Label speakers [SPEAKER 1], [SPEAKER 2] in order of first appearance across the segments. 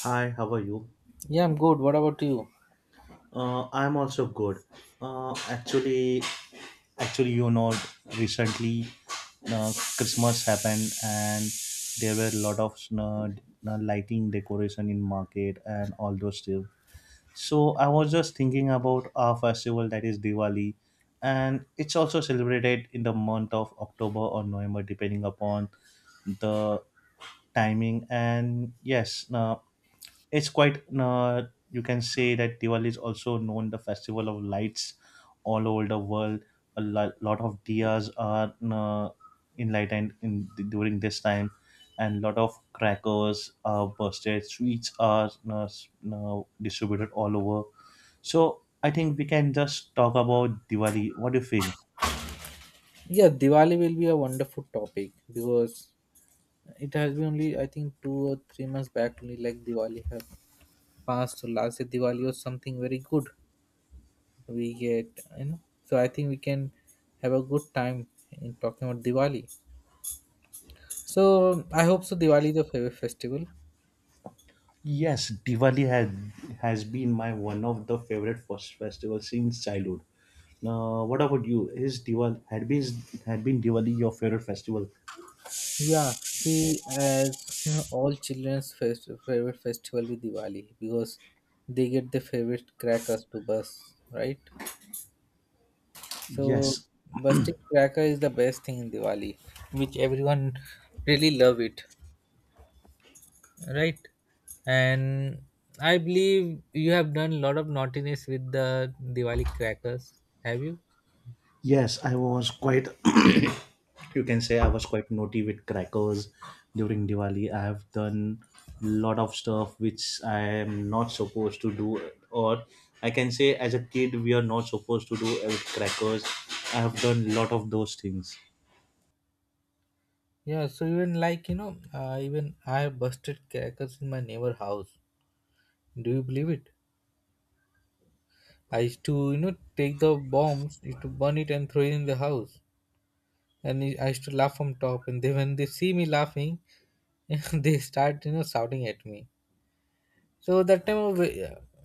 [SPEAKER 1] Hi, how are you?
[SPEAKER 2] Yeah, I'm good. What about you?
[SPEAKER 1] I'm also good. Uh, actually, Actually, you know, recently Christmas happened, and there were a lot of lighting decoration in market and all those stuff. So I was just thinking about our festival that is Diwali, and it's also celebrated in the month of October or November, depending upon the timing. And yes, it's quite you can say that Diwali is also known the festival of lights all over the world. A lot of diyas are enlightened in during this time, and lot of crackers are bursted, sweets are distributed all over. So I think we can just talk about Diwali. What do you feel?
[SPEAKER 2] Yeah, Diwali will be a wonderful topic because it has been only I think 2 or 3 months back only like Diwali have passed. So last year Diwali was something very good. We get you know. So I think we can have a good time in talking about Diwali. So I hope so. Diwali is your favorite festival.
[SPEAKER 1] Yes, Diwali has been my one of the favorite first festival since childhood. Now, what about you? Is Diwali had been Diwali your favorite festival?
[SPEAKER 2] Yeah, see, as you know, all children's fest favorite festival with Diwali because they get their favorite crackers to bus, right? So
[SPEAKER 1] Yes,
[SPEAKER 2] Bustic Cracker is the best thing in Diwali, which everyone really love it, right? And I believe you have done a lot of naughtiness with the Diwali crackers. Have you?
[SPEAKER 1] yes, I was quite. You can say I was quite naughty with crackers during Diwali. I have done lot of stuff which I am not supposed to do, or I can say as a kid we are not supposed to do with crackers. I have done lot of those things.
[SPEAKER 2] Yeah. So even like you know, even I have busted crackers in my neighbor house. Do you believe it? I used to you know take the bombs, used to burn it and throw it in the house, and I used to laugh from top. And they when they see me laughing, they start you know shouting at me. So that time I was,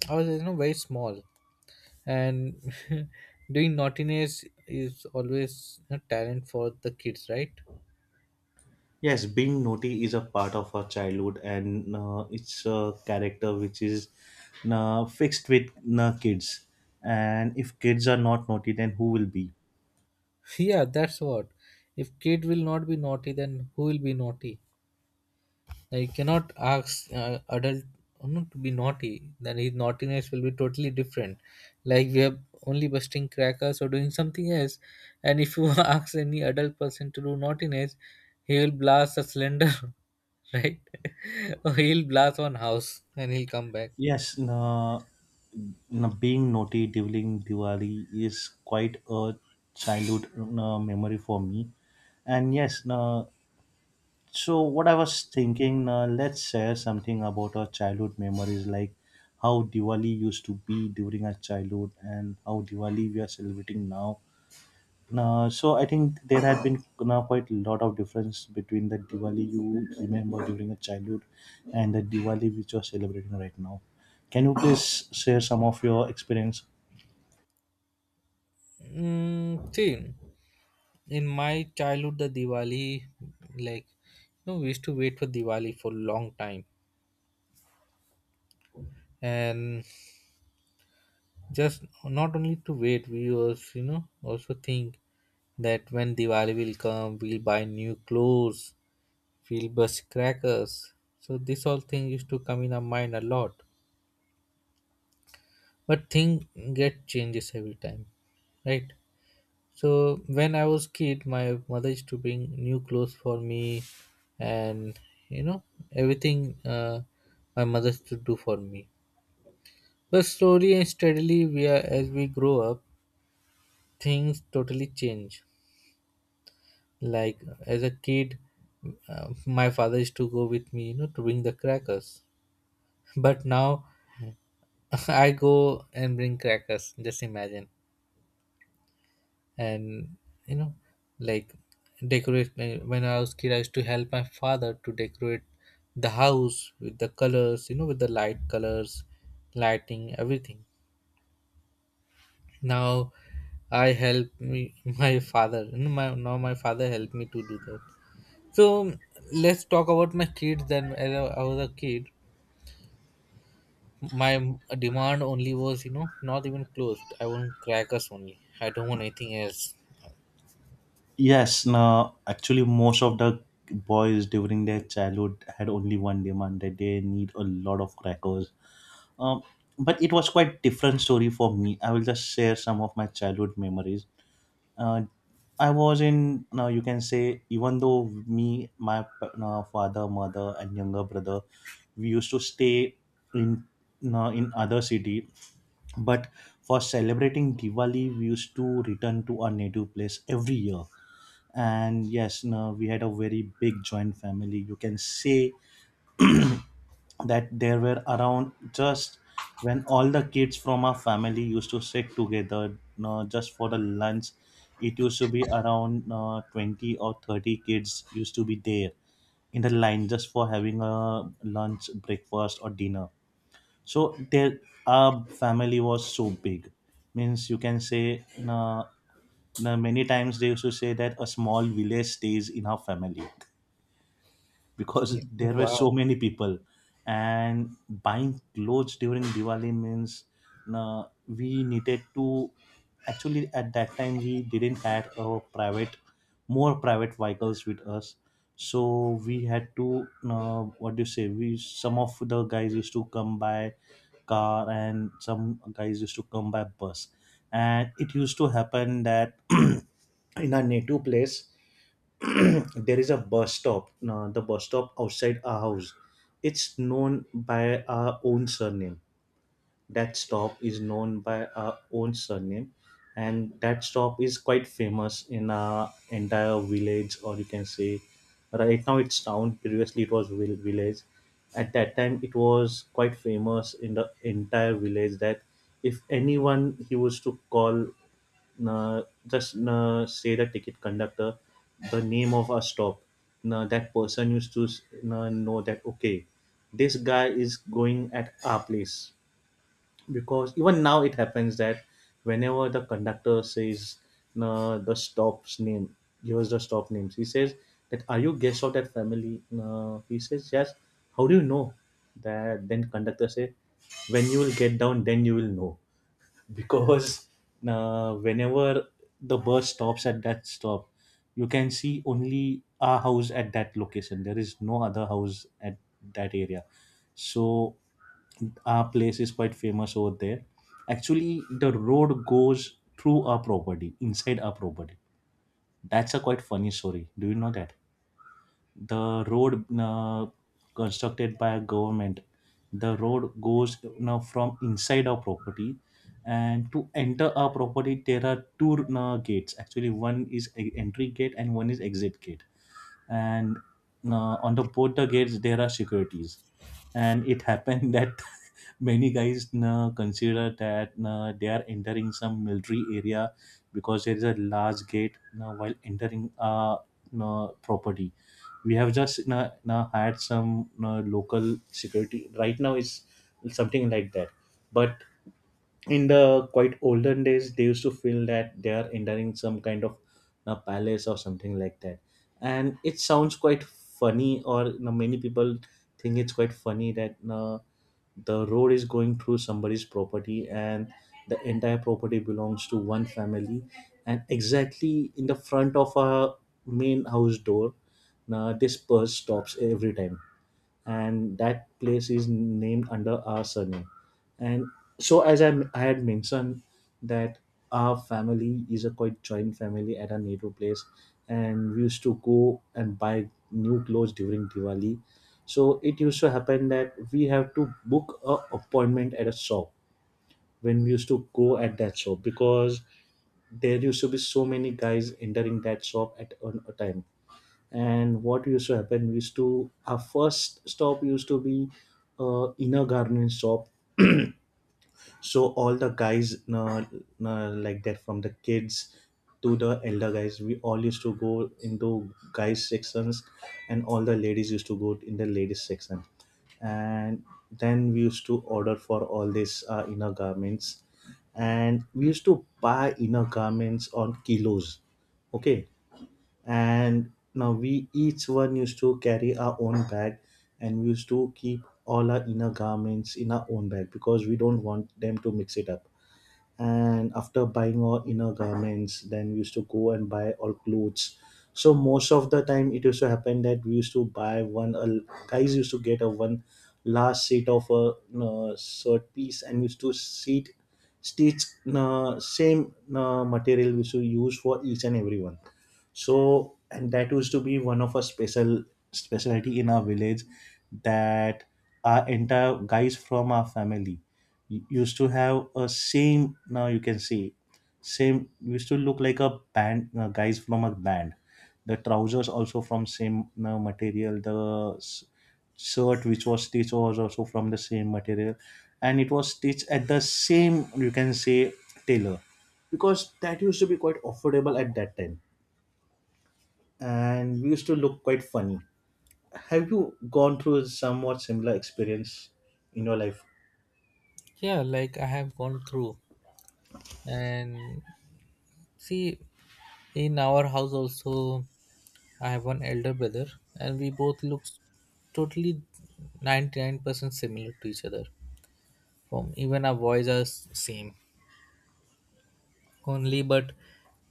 [SPEAKER 2] I was you know very small, and doing naughtiness is always a talent for the kids, right?
[SPEAKER 1] Yes, being naughty is a part of our childhood, and it's a character which is fixed with kids. And if kids are not naughty, then who will be?
[SPEAKER 2] Yeah, that's what. If kid will not be naughty, then who will be naughty? I cannot ask adult not to be naughty. Then his naughtiness will be totally different. Like we are only busting crackers or doing something else. And if you ask any adult person to do naughtiness, he will blast a cylinder, right? Or he'll blast one house and he'll come back.
[SPEAKER 1] Yes, being naughty during Diwali is quite a childhood memory for me. And yes, so what I was thinking, let's share something about our childhood memories, like how Diwali used to be during our childhood and how Diwali we are celebrating now. So I think there had been now quite a lot of difference between the Diwali you remember during your childhood and the Diwali which you are celebrating right now. Can you please share some of your experience?
[SPEAKER 2] See, in my childhood, the Diwali, like, you know, we used to wait for Diwali for long time, and just not only to wait, we also you know also think that when diwali will come, we'll buy new clothes, we'll bust crackers. So this all thing used to come in our mind a lot, but thing get changes every time, right? So when I was kid, my mother used to bring new clothes for me, and you know everything, my mother used to do for me. But slowly and steadily, we are as we grow up, things totally change. Like as a kid, my father used to go with me, you know, to bring the crackers. But now I go and bring crackers. Just imagine, and you know, like decorate. When I was kid, I used to help my father to decorate the house with the colors, you know, with the light colors, lighting, everything. Now I help me, my father. You know, my now my father helped me to do that. So let's talk about my kids. Then as I was a kid, my demand only was you know not even closed. I want crackers only. I don't want anything else.
[SPEAKER 1] Yes, now actually most of the boys during their childhood had only one demand that they need a lot of crackers. Um, but it was quite different story for me. I will just share some of my childhood memories. uh, I was in now you can say even though me my father mother and younger brother we used to stay in in other city, but for celebrating Diwali we used to return to our native place every year. And yes no, we had a very big joint family you can say that there were around just when all the kids from our family used to sit together, just for the lunch it used to be around 20 or 30 kids used to be there in the line just for having a lunch breakfast or dinner. So there our family was so big, means you can say, many times they used to say that a small village stays in our family because there were
[SPEAKER 2] Wow.
[SPEAKER 1] so many people. And buying clothes during diwali means we needed to, actually at that time we didn't had a private, more private vehicles with us, so we had to what do you say, we some of the guys used to come by car and some guys used to come by bus. And it used to happen that in our native place there is a bus stop, the bus stop outside our house. It's known by our own surname, that stop is known by our own surname, and that stop is quite famous in our entire village, or you can say right now it's town, previously it was village. At that time it was quite famous in the entire village that if anyone he was to call, just say the ticket conductor the name of our stop, that person used to know that okay this guy is going at our place. Because even now it happens that whenever the conductor says the stop's name, gives the stop names, he says that are you guest of that family? He says yes. How do you know that? Then conductor say when you will get down, then you will know, because whenever the bus stops at that stop you can see only a house at that location, there is no other house at that area. So our place is quite famous over there. Actually the road goes through our property, inside our property. That's a quite funny story, do you know that the road constructed by a government, the road goes now from inside our property. And to enter our property there are two gates, actually one is entry gate and one is exit gate. And on the both the gates there are securities. And it happened that many guys consider that they are entering some military area, because there is a large gate while entering property. We have just now, now you had some you local security, right now it's something like that. But in the quite olden days they used to feel that they are entering some kind of a palace or something like that. And it sounds quite funny, or you know, many people think it's quite funny that the road is going through somebody's property, and the entire property belongs to one family. And exactly in the front of our main house door, this purse stops every time, and that place is named under our surname. And so as I had mentioned that our family is a quite joint family at our native place, and we used to go and buy new clothes during diwali. So it used to happen that we have to book a appointment at a shop. When we used to go at that shop, because there used to be so many guys entering that shop at one a time. And what used to happen, used to our first stop used to be inner garden shop. So all the guys like that, from the kids to the elder guys, we all used to go into guys sections, and all the ladies used to go in the ladies section. And then we used to order for all these inner garments, and we used to buy inner garments on kilos, okay. And now we each one used to carry our own bag, and we used to keep all our inner garments in our own bag because we don't want them to mix it up. And after buying our inner garments then we used to go and buy all clothes. So most of the time it used to happen that we used to buy one A guys used to get a one last set of a shirt piece and used to seat stitch same material we used to use for each and every one. So and that used to be one of a specialty in our village, that our entire guys from our family used to have a same, now you can see same, used to look like a band, guys from a band. The trousers also from same material, the shirt which was stitched was also from the same material, and it was stitched at the same you can say tailor, because that used to be quite affordable at that time. And we used to look quite funny. Have you gone through somewhat similar experience in your life?
[SPEAKER 2] Yeah, like I have gone through and see in our house also I have one elder brother, and we both look totally 99% similar to each other. From even our voice are same only, but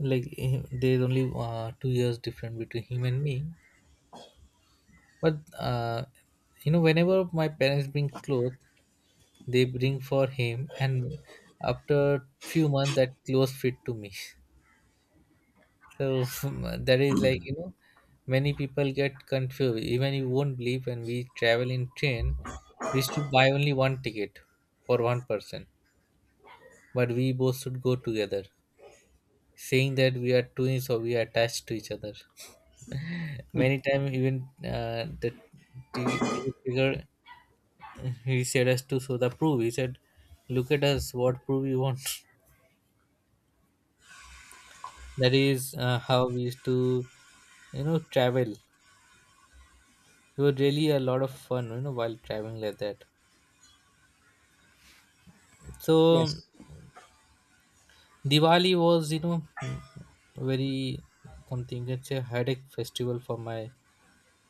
[SPEAKER 2] like there is only 2 years different between him and me. But you know, whenever my parents bring clothes, they bring for him, and after few months, that clothes fit to me. So that is like you know, many people get confused. Even you won't believe when we travel in train, we used to buy only one ticket for one person, but we both should go together, saying that we are twins or we are attached to each other. Many times, even the ticket figure, he said us to show the proof. He said, "Look at us. What proof you want?" That is how we used to, you know, travel. It was really a lot of fun, you know, while traveling like that. So
[SPEAKER 1] Yes.
[SPEAKER 2] Diwali was, you know, very something you can say headache festival for my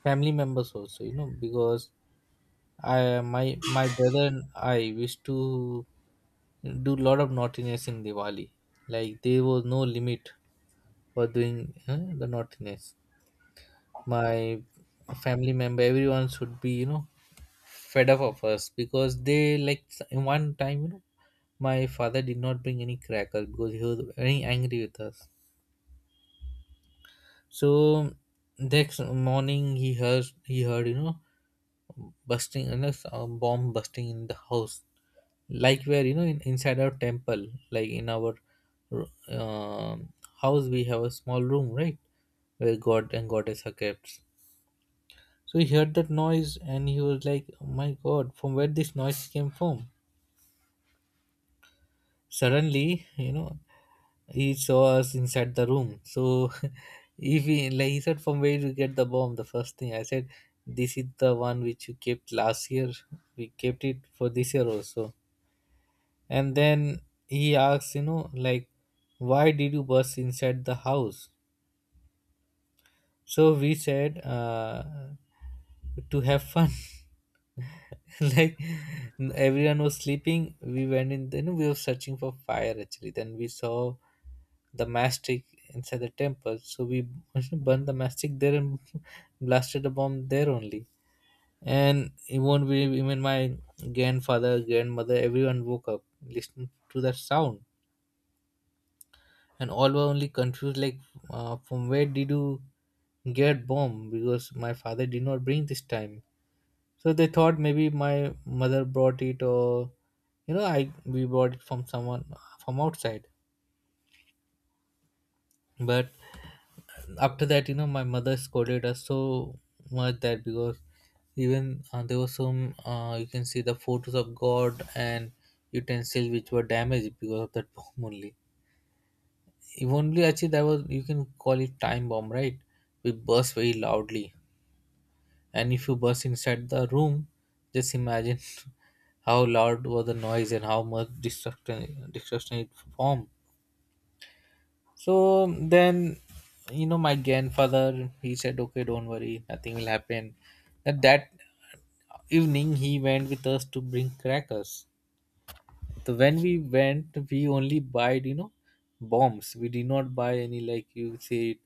[SPEAKER 2] family members also, you know, because I my my brother and I used to do lot of naughtiness in Diwali. Like there was no limit for doing the naughtiness. My family member everyone should be you know fed up of us because they like in one time you know my father did not bring any cracker because he was very angry with us. So next morning he heard you know busting you know, a bomb busting in the house, like where you know inside our temple, like in our um house we have a small room, right, where god and goddess are kept. So he heard that noise and he was like, oh my god, from where this noise came from? Suddenly, you know, he saw us inside the room. So if he, like he said, from where did you get the bomb? The first thing I said, this is the one which you kept last year. We kept it for this year also. And then he asked, you know, like, why did you burst inside the house? So we said, to have fun. Like everyone was sleeping, we went in, then we were searching for fire actually, then we saw the mastic inside the temple, so we burned the mastic there and blasted the bomb there only. And it won't even, we even, my grandfather grandmother everyone woke up listening to that sound. And all were only confused like from where did you get bomb, because my father did not bring this time. So they thought maybe my mother brought it or you know I we brought it from someone from outside. But after that, you know, my mother scolded us so much that because even there was some you can see the photos of God and utensils which were damaged because of that bomb only. If only actually that was you can call it time bomb, right? We burst very loudly. And if you burst inside the room, just imagine how loud was the noise and how much destruction it formed. So then, you know, my grandfather he said, "Okay, don't worry, nothing will happen." At that evening, he went with us to bring crackers. So when we went, we only buyed you know bombs. We did not buy any like you say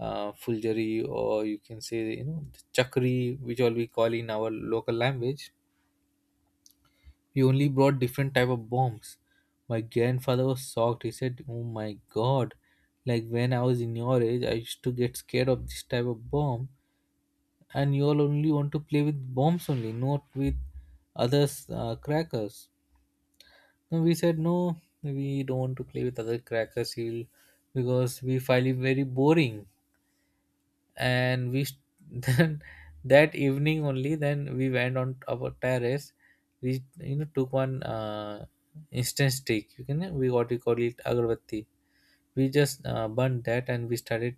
[SPEAKER 2] fulgari, or you can say you know the chakri, which all we call in our local language. We only brought different type of bombs. My grandfather was shocked. He said, "Oh my god! Like when I was in your age, I used to get scared of this type of bomb, and you all only want to play with bombs only, not with others crackers." No, we said no, we don't want to play with other crackers heel because we find it very boring. And then that evening only, then we went on our terrace. We you know took one instant stick. You can we what we call it agarbatti. We just burned that and we started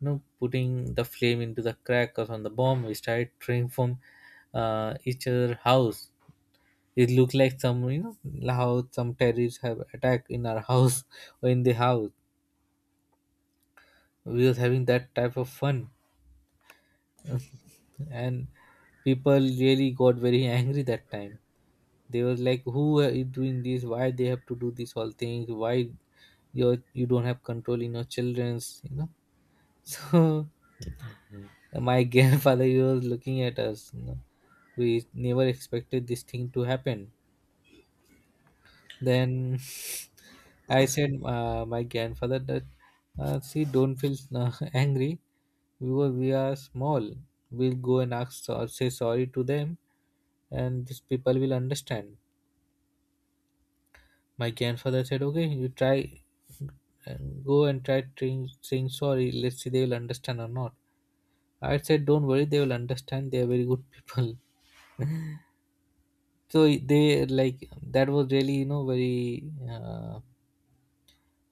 [SPEAKER 2] you know putting the flame into the crackers on the bomb. We started throwing from each other house, it looked like some, you know, how some terrorists have attacked in our house or in the house. We was having that type of fun, and people really got very angry that time. They was like, "Who is doing this? Why they have to do this all things? Why you don't have control in your children's?" You know. So my grandfather he was looking at us. You know, we never expected this thing to happen. Then I said my grandfather that see don't feel angry because we are small. We'll go and ask or say sorry to them, and these people will understand. My grandfather said, "Okay, you try and go and try saying sorry. Let's see they will understand or not." I said, "Don't worry, they will understand. They are very good people." So they like that was really you know very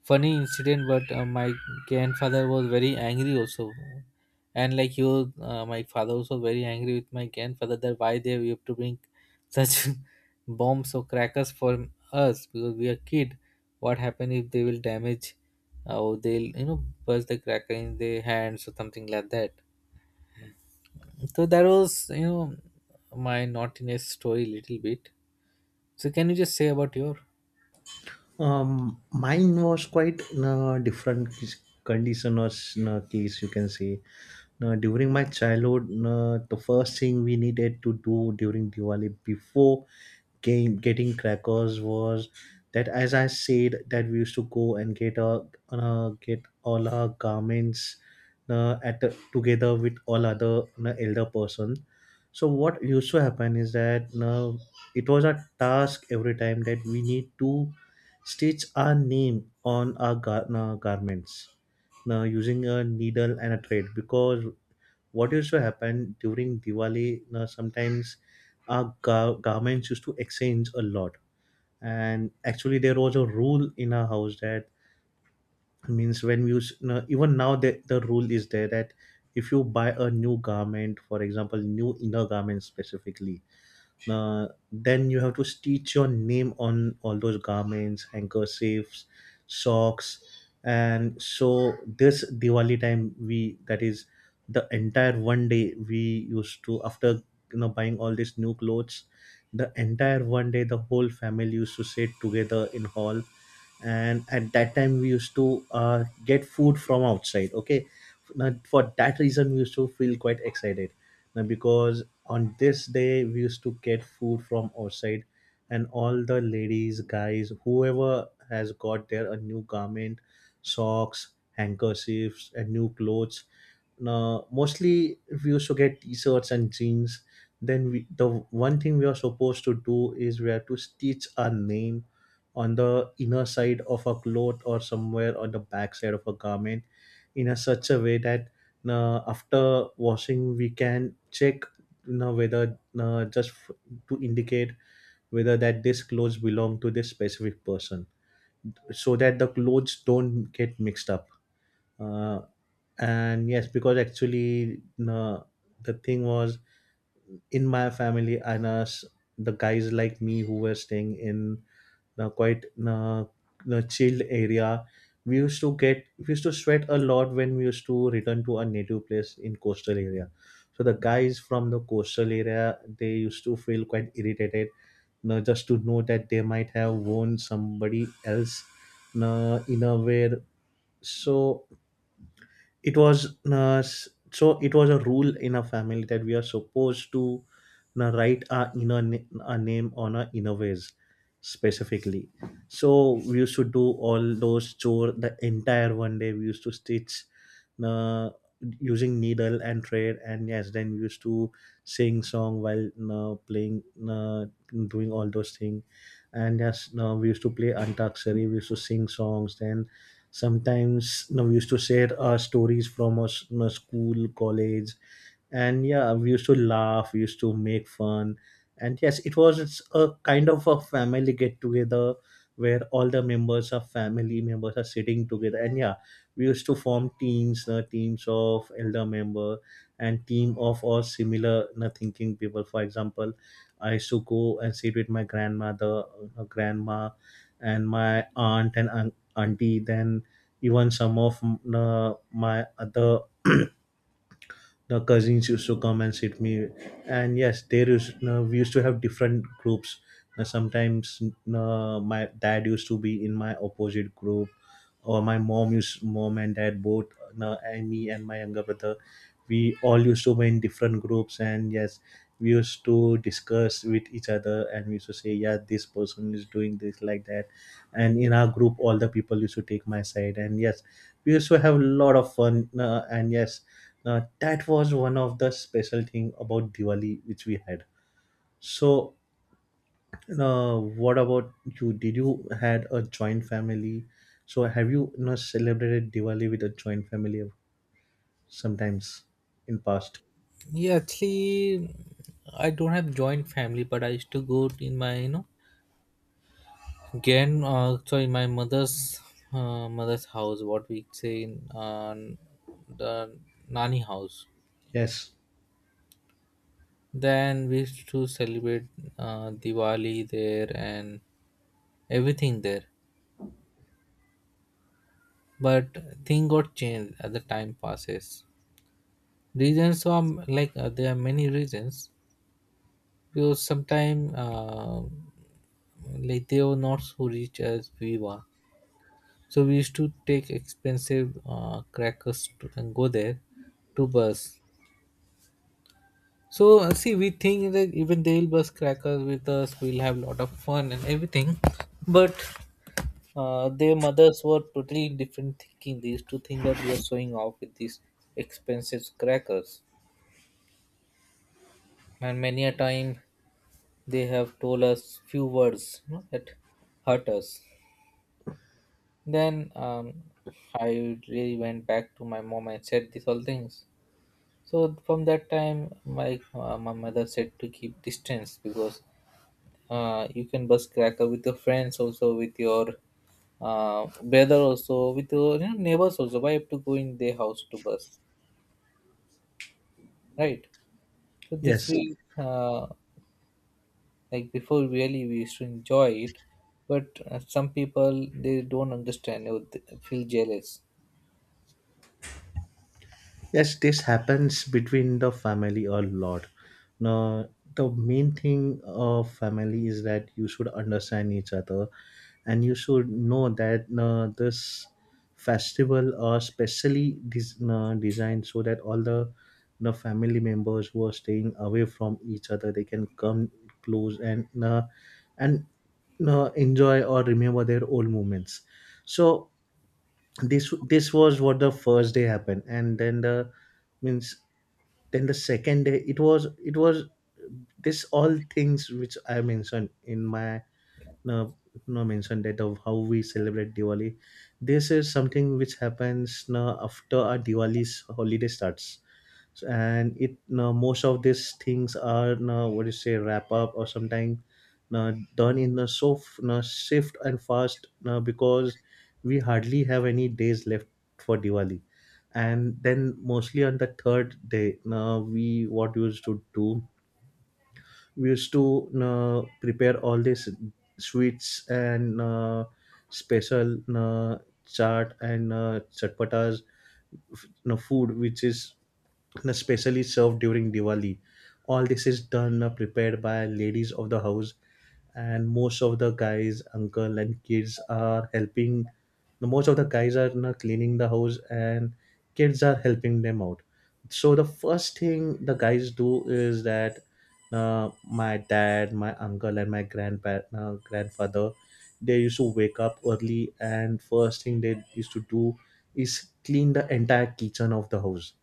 [SPEAKER 2] funny incident, but my grandfather was very angry also. And like he was my father also very angry with my grandfather that why they we have to bring such bombs or crackers for us because we are kid. What happen if they will damage or they'll you know burst the cracker in their hands or something like that. So that was you know my naughtiness story little bit. So can you just say about your.
[SPEAKER 1] Mine was quite different condition or case you can say. During my childhood, the first thing we needed to do during Diwali before getting crackers was that, as I said, that we used to go and get our get all our garments at together with all other elder person. So what used to happen is that it was a task every time that we need to stitch are name on our garments na, using a needle and a thread. Because what used to happen during Diwali, na, sometimes our garments used to exchange a lot. And actually, there was a rule in our house that means when we use, na, even now, the rule is there that if you buy a new garment, for example, new inner garment specifically, then you have to stitch your name on all those garments, handkerchiefs, socks. And so this Diwali time we, that is, the entire one day we used to, after you know, buying all these new clothes, the entire one day the whole family used to sit together in hall. And at that time we used to get food from outside, okay? Now, for that reason we used to feel quite excited now, because on this day we used to get food from outside. And all the ladies, guys, whoever has got their a new garment, socks, handkerchiefs and new clothes, now mostly we used to get t-shirts and jeans. Then we, the one thing we are supposed to do is we have to stitch our name on the inner side of a cloth or somewhere on the back side of a garment, in a such a way that after washing we can check, you know, whether to indicate whether that this clothes belong to this specific person, so that the clothes don't get mixed up. uh, and yes, because actually, uh, the thing was, in my family and us, the guys like me who were staying in quite the chilled area. We used to sweat a lot when we used to return to our native place in coastal area. So the guys from the coastal area they used to feel quite irritated, know, just to know that they might have won somebody else, know, in a way. So it was so it was a rule in a family that we are supposed to write our our name on our inner ways specifically. So we used to do all those chore, the entire one day we used to stitch uh, using needle and thread. And yes, then we used to sing song while playing, uh, doing all those things. And yes, we used to play antaksari, we used to sing songs. Then sometimes you know, we used to share our stories from you know, school, college. And yeah, we used to laugh, we used to make fun. And yes, it's a kind of a family get together where all the members of family members are sitting together. And yeah, we used to form teams, teams of elder member, and team of all similar thinking people. For example, I used to go and sit with my grandmother, grandma, and my aunt and auntie. Then even some of my other, the cousins used to come and sit me. And yes, there is we used to have different groups. Now, sometimes my dad used to be in my opposite group, or my mom used, mom and dad both, and me and my younger brother, we all used to be in different groups. And yes, we used to discuss with each other and we used to say, yeah, this person is doing this like that. And in our group all the people used to take my side. And yes, we used to have a lot of fun, and yes, that was one of the special thing about Diwali which we had. So, what about you? Did you had a joint family? So, have you, you know, celebrated Diwali with a joint family sometimes in past?
[SPEAKER 2] Yeah, actually, I don't have joint family, but I used to go in my you know again, sorry my mother's mother's house, what we say in the nanny house.
[SPEAKER 1] Yes.
[SPEAKER 2] Then we used to celebrate Diwali there and everything there. But thing got changed as the time passes. Reasons are like there are many reasons, because sometimes like they were not so rich as we were. So we used to take expensive crackers to, and go there to bus. So see, we think that even they'll bus crackers with us, we'll have lot of fun and everything. But their mothers were totally in different thinking. They used to think that we are showing off with these expensive crackers. And many a time they have told us few words you know, that hurt us. Then I really went back to my mom and said these all things. So from that time, my mother said to keep distance because you can bust cracker with your friends also, with your brother also, with your you know, neighbors also. Why have to go in their house to bust, right? So this
[SPEAKER 1] Yes.
[SPEAKER 2] way, like before, really we used to enjoy it, but some people they don't understand. They would feel jealous.
[SPEAKER 1] Yes, this happens between the family a lot. Now, the main thing of family is that you should understand each other, and you should know that this festival are specially designed so that all the family members who are staying away from each other they can come close and enjoy or remember their old moments. So this was what the first day happened. And then the, means, then the second day it was, this all things which I mentioned in my, no, no, mentioned that of how we celebrate Diwali. This is something which happens now after our Diwali's holiday starts. And it now most of these things are now what do you say wrap up or sometime now done in a now shift and fast now, because we hardly have any days left for Diwali. And then mostly on the third day now we what we used to do, we used to prepare all these sweets and special chaat and chatpatas, no, food which is and especially served during Diwali. All this is done, prepared by ladies of the house, and most of the guys, uncle, and kids are helping. The Most of the guys are now cleaning the house, and kids are helping them out. So the first thing the guys do is that my dad, my uncle, and my grandfather, they used to wake up early, and first thing they used to do is clean the entire kitchen of the house.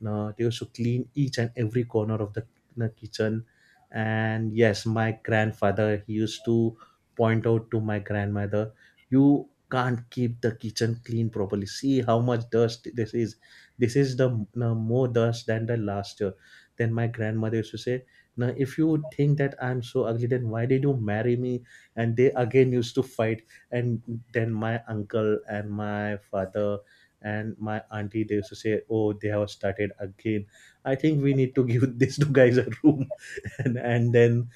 [SPEAKER 1] No, they used to clean each and every corner of the kitchen. And yes, my grandfather he used to point out to my grandmother, "You can't keep the kitchen clean properly. See how much dust this is. This is the, no, more dust than the last year." Then my grandmother used to say, "Now, if you think that I'm so ugly, then why did you marry me?" And they again used to fight. And then my uncle and my father and my auntie, they used to say, oh, they have started again, I think we need to give these two guys a room. And then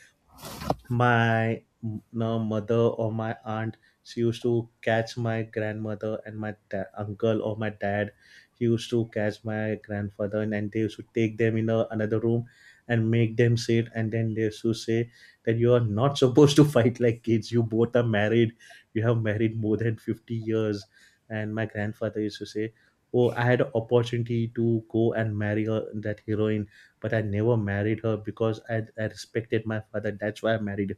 [SPEAKER 1] my, no, mother, or my aunt, she used to catch my grandmother, and my uncle, or my dad, he used to catch my grandfather, and they used to take them in a, another room and make them sit. And then they used to say that you are not supposed to fight like kids, you both are married, you have married more than 50 years. And my grandfather used to say, oh, I had an opportunity to go and marry her, that heroine, but I never married her because I respected my father. That's why I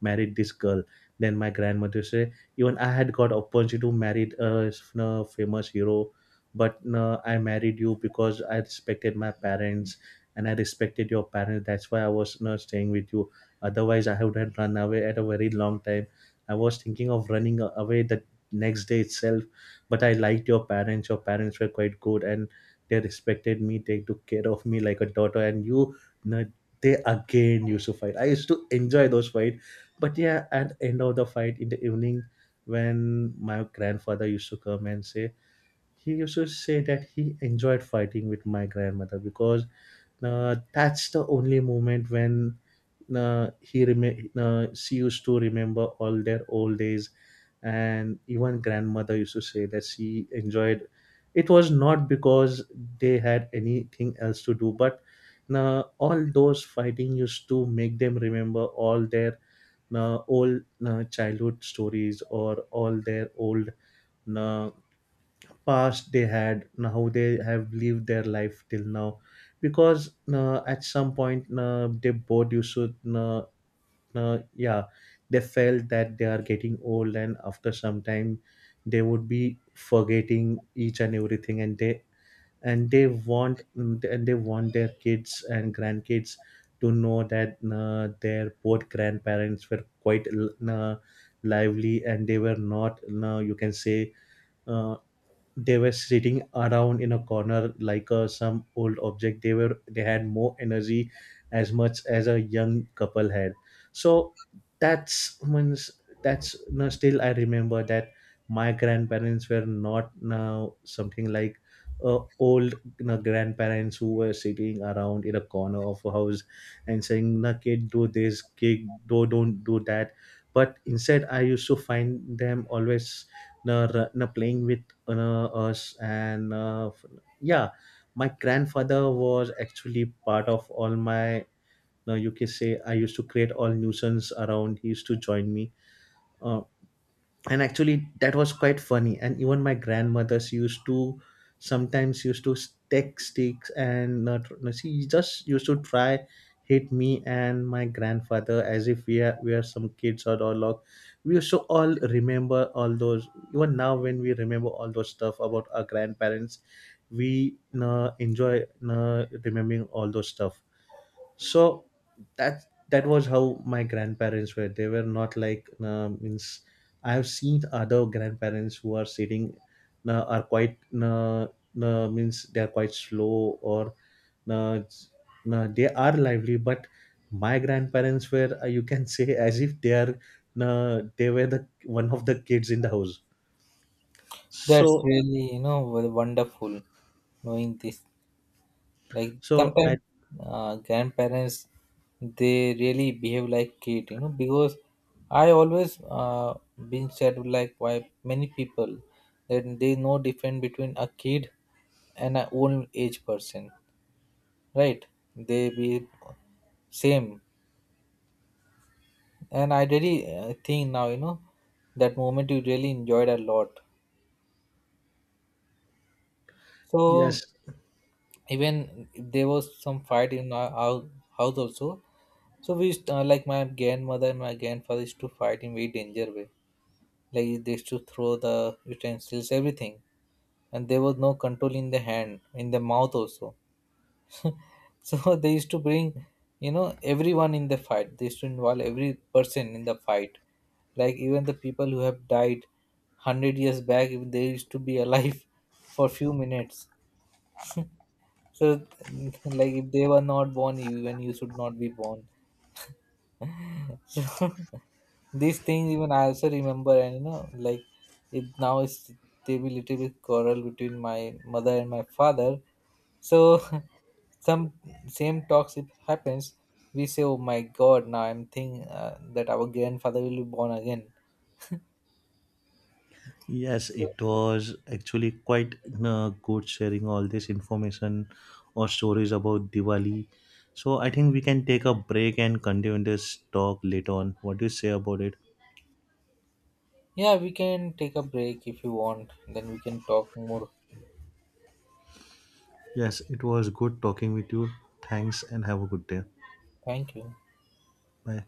[SPEAKER 1] married this girl. Then my grandmother say, even I had got opportunity to marry a famous hero, but no, I married you because I respected my parents, and I respected your parents. That's why I was not staying with you, otherwise I would have run away at a very long time. I was thinking of running away the next day itself. But I liked your parents, your parents were quite good, and they respected me, they took care of me like a daughter and you. No, they again used to fight. I used to enjoy those fight. But yeah, at end of the fight in the evening when my grandfather used to come and say, he used to say that he enjoyed fighting with my grandmother, because that's the only moment when she used to remember all their old days. And even grandmother used to say that she enjoyed. It was not because they had anything else to do, but now all those fighting used to make them remember all their old childhood stories or all their old uh, past they had, how they have lived their life till now. Because at some point they both you should yeah, they felt that they are getting old and after some time they would be forgetting each and everything. And they and they want, and they want their kids and grandkids to know that their both grandparents were quite uh, lively, and they were not, you can say uh, they were sitting around in a corner like some old object. They were they had more energy as much as a young couple had. So that's means, that's, no, still I remember that my grandparents were not now something like old, you know, grandparents who were sitting around in a corner of a house and saying, na, kid do this, kid do, don't do that. But instead I used to find them always, na, na, playing with us and yeah, my grandfather was actually part of all my you can say, I used to create all nuisance around, he used to join me, uh, and actually that was quite funny. And even my grandmothers used to sometimes used to take sticks and not, no, she just used to try hit me and my grandfather as if we are some kids or all log. We used to all remember all those, even now when we remember all those stuff about our grandparents we enjoy remembering all those stuff. So that that was how my grandparents were. They were not like means, I have seen other grandparents who are sitting are quite means they are quite slow, or uh, they are lively. But my grandparents were, you can say as if they are they were the one of the kids in the house.
[SPEAKER 2] That's
[SPEAKER 1] So
[SPEAKER 2] really you know very wonderful knowing this. Like
[SPEAKER 1] so
[SPEAKER 2] sometimes
[SPEAKER 1] I
[SPEAKER 2] grandparents they really behave like kid, you know, because I always been said like by many people that they know difference between a kid and an old age person, right? They be same, and I really think now you know that moment you really enjoyed a lot. So
[SPEAKER 1] yes.
[SPEAKER 2] even there was some fight in our house also, so we used, like my grandmother and my grandfather used to fight in very danger way, like they used to throw the utensils everything, and there was no control in the hand in the mouth also. So they used to bring you know everyone in the fight, they used to involve every person in the fight, like even the people who have died 100 years back if they used to be alive for few minutes. So, like, if they were not born, even you should not be born. So, these things even I also remember, and you know, like, it now is there be little bit quarrel between my mother and my father. So, some same talks if happens, we say, "Oh my God!" Now I'm thinking that our grandfather will be born again.
[SPEAKER 1] Yes, it was actually quite good sharing all this information or stories about Diwali. So I think we can take a break and continue this talk later on. What do you say about it?
[SPEAKER 2] Yeah, we can take a break if you want. Then we can talk more.
[SPEAKER 1] Yes, it was good talking with you. Thanks and have a good day.
[SPEAKER 2] Thank you.
[SPEAKER 1] Bye.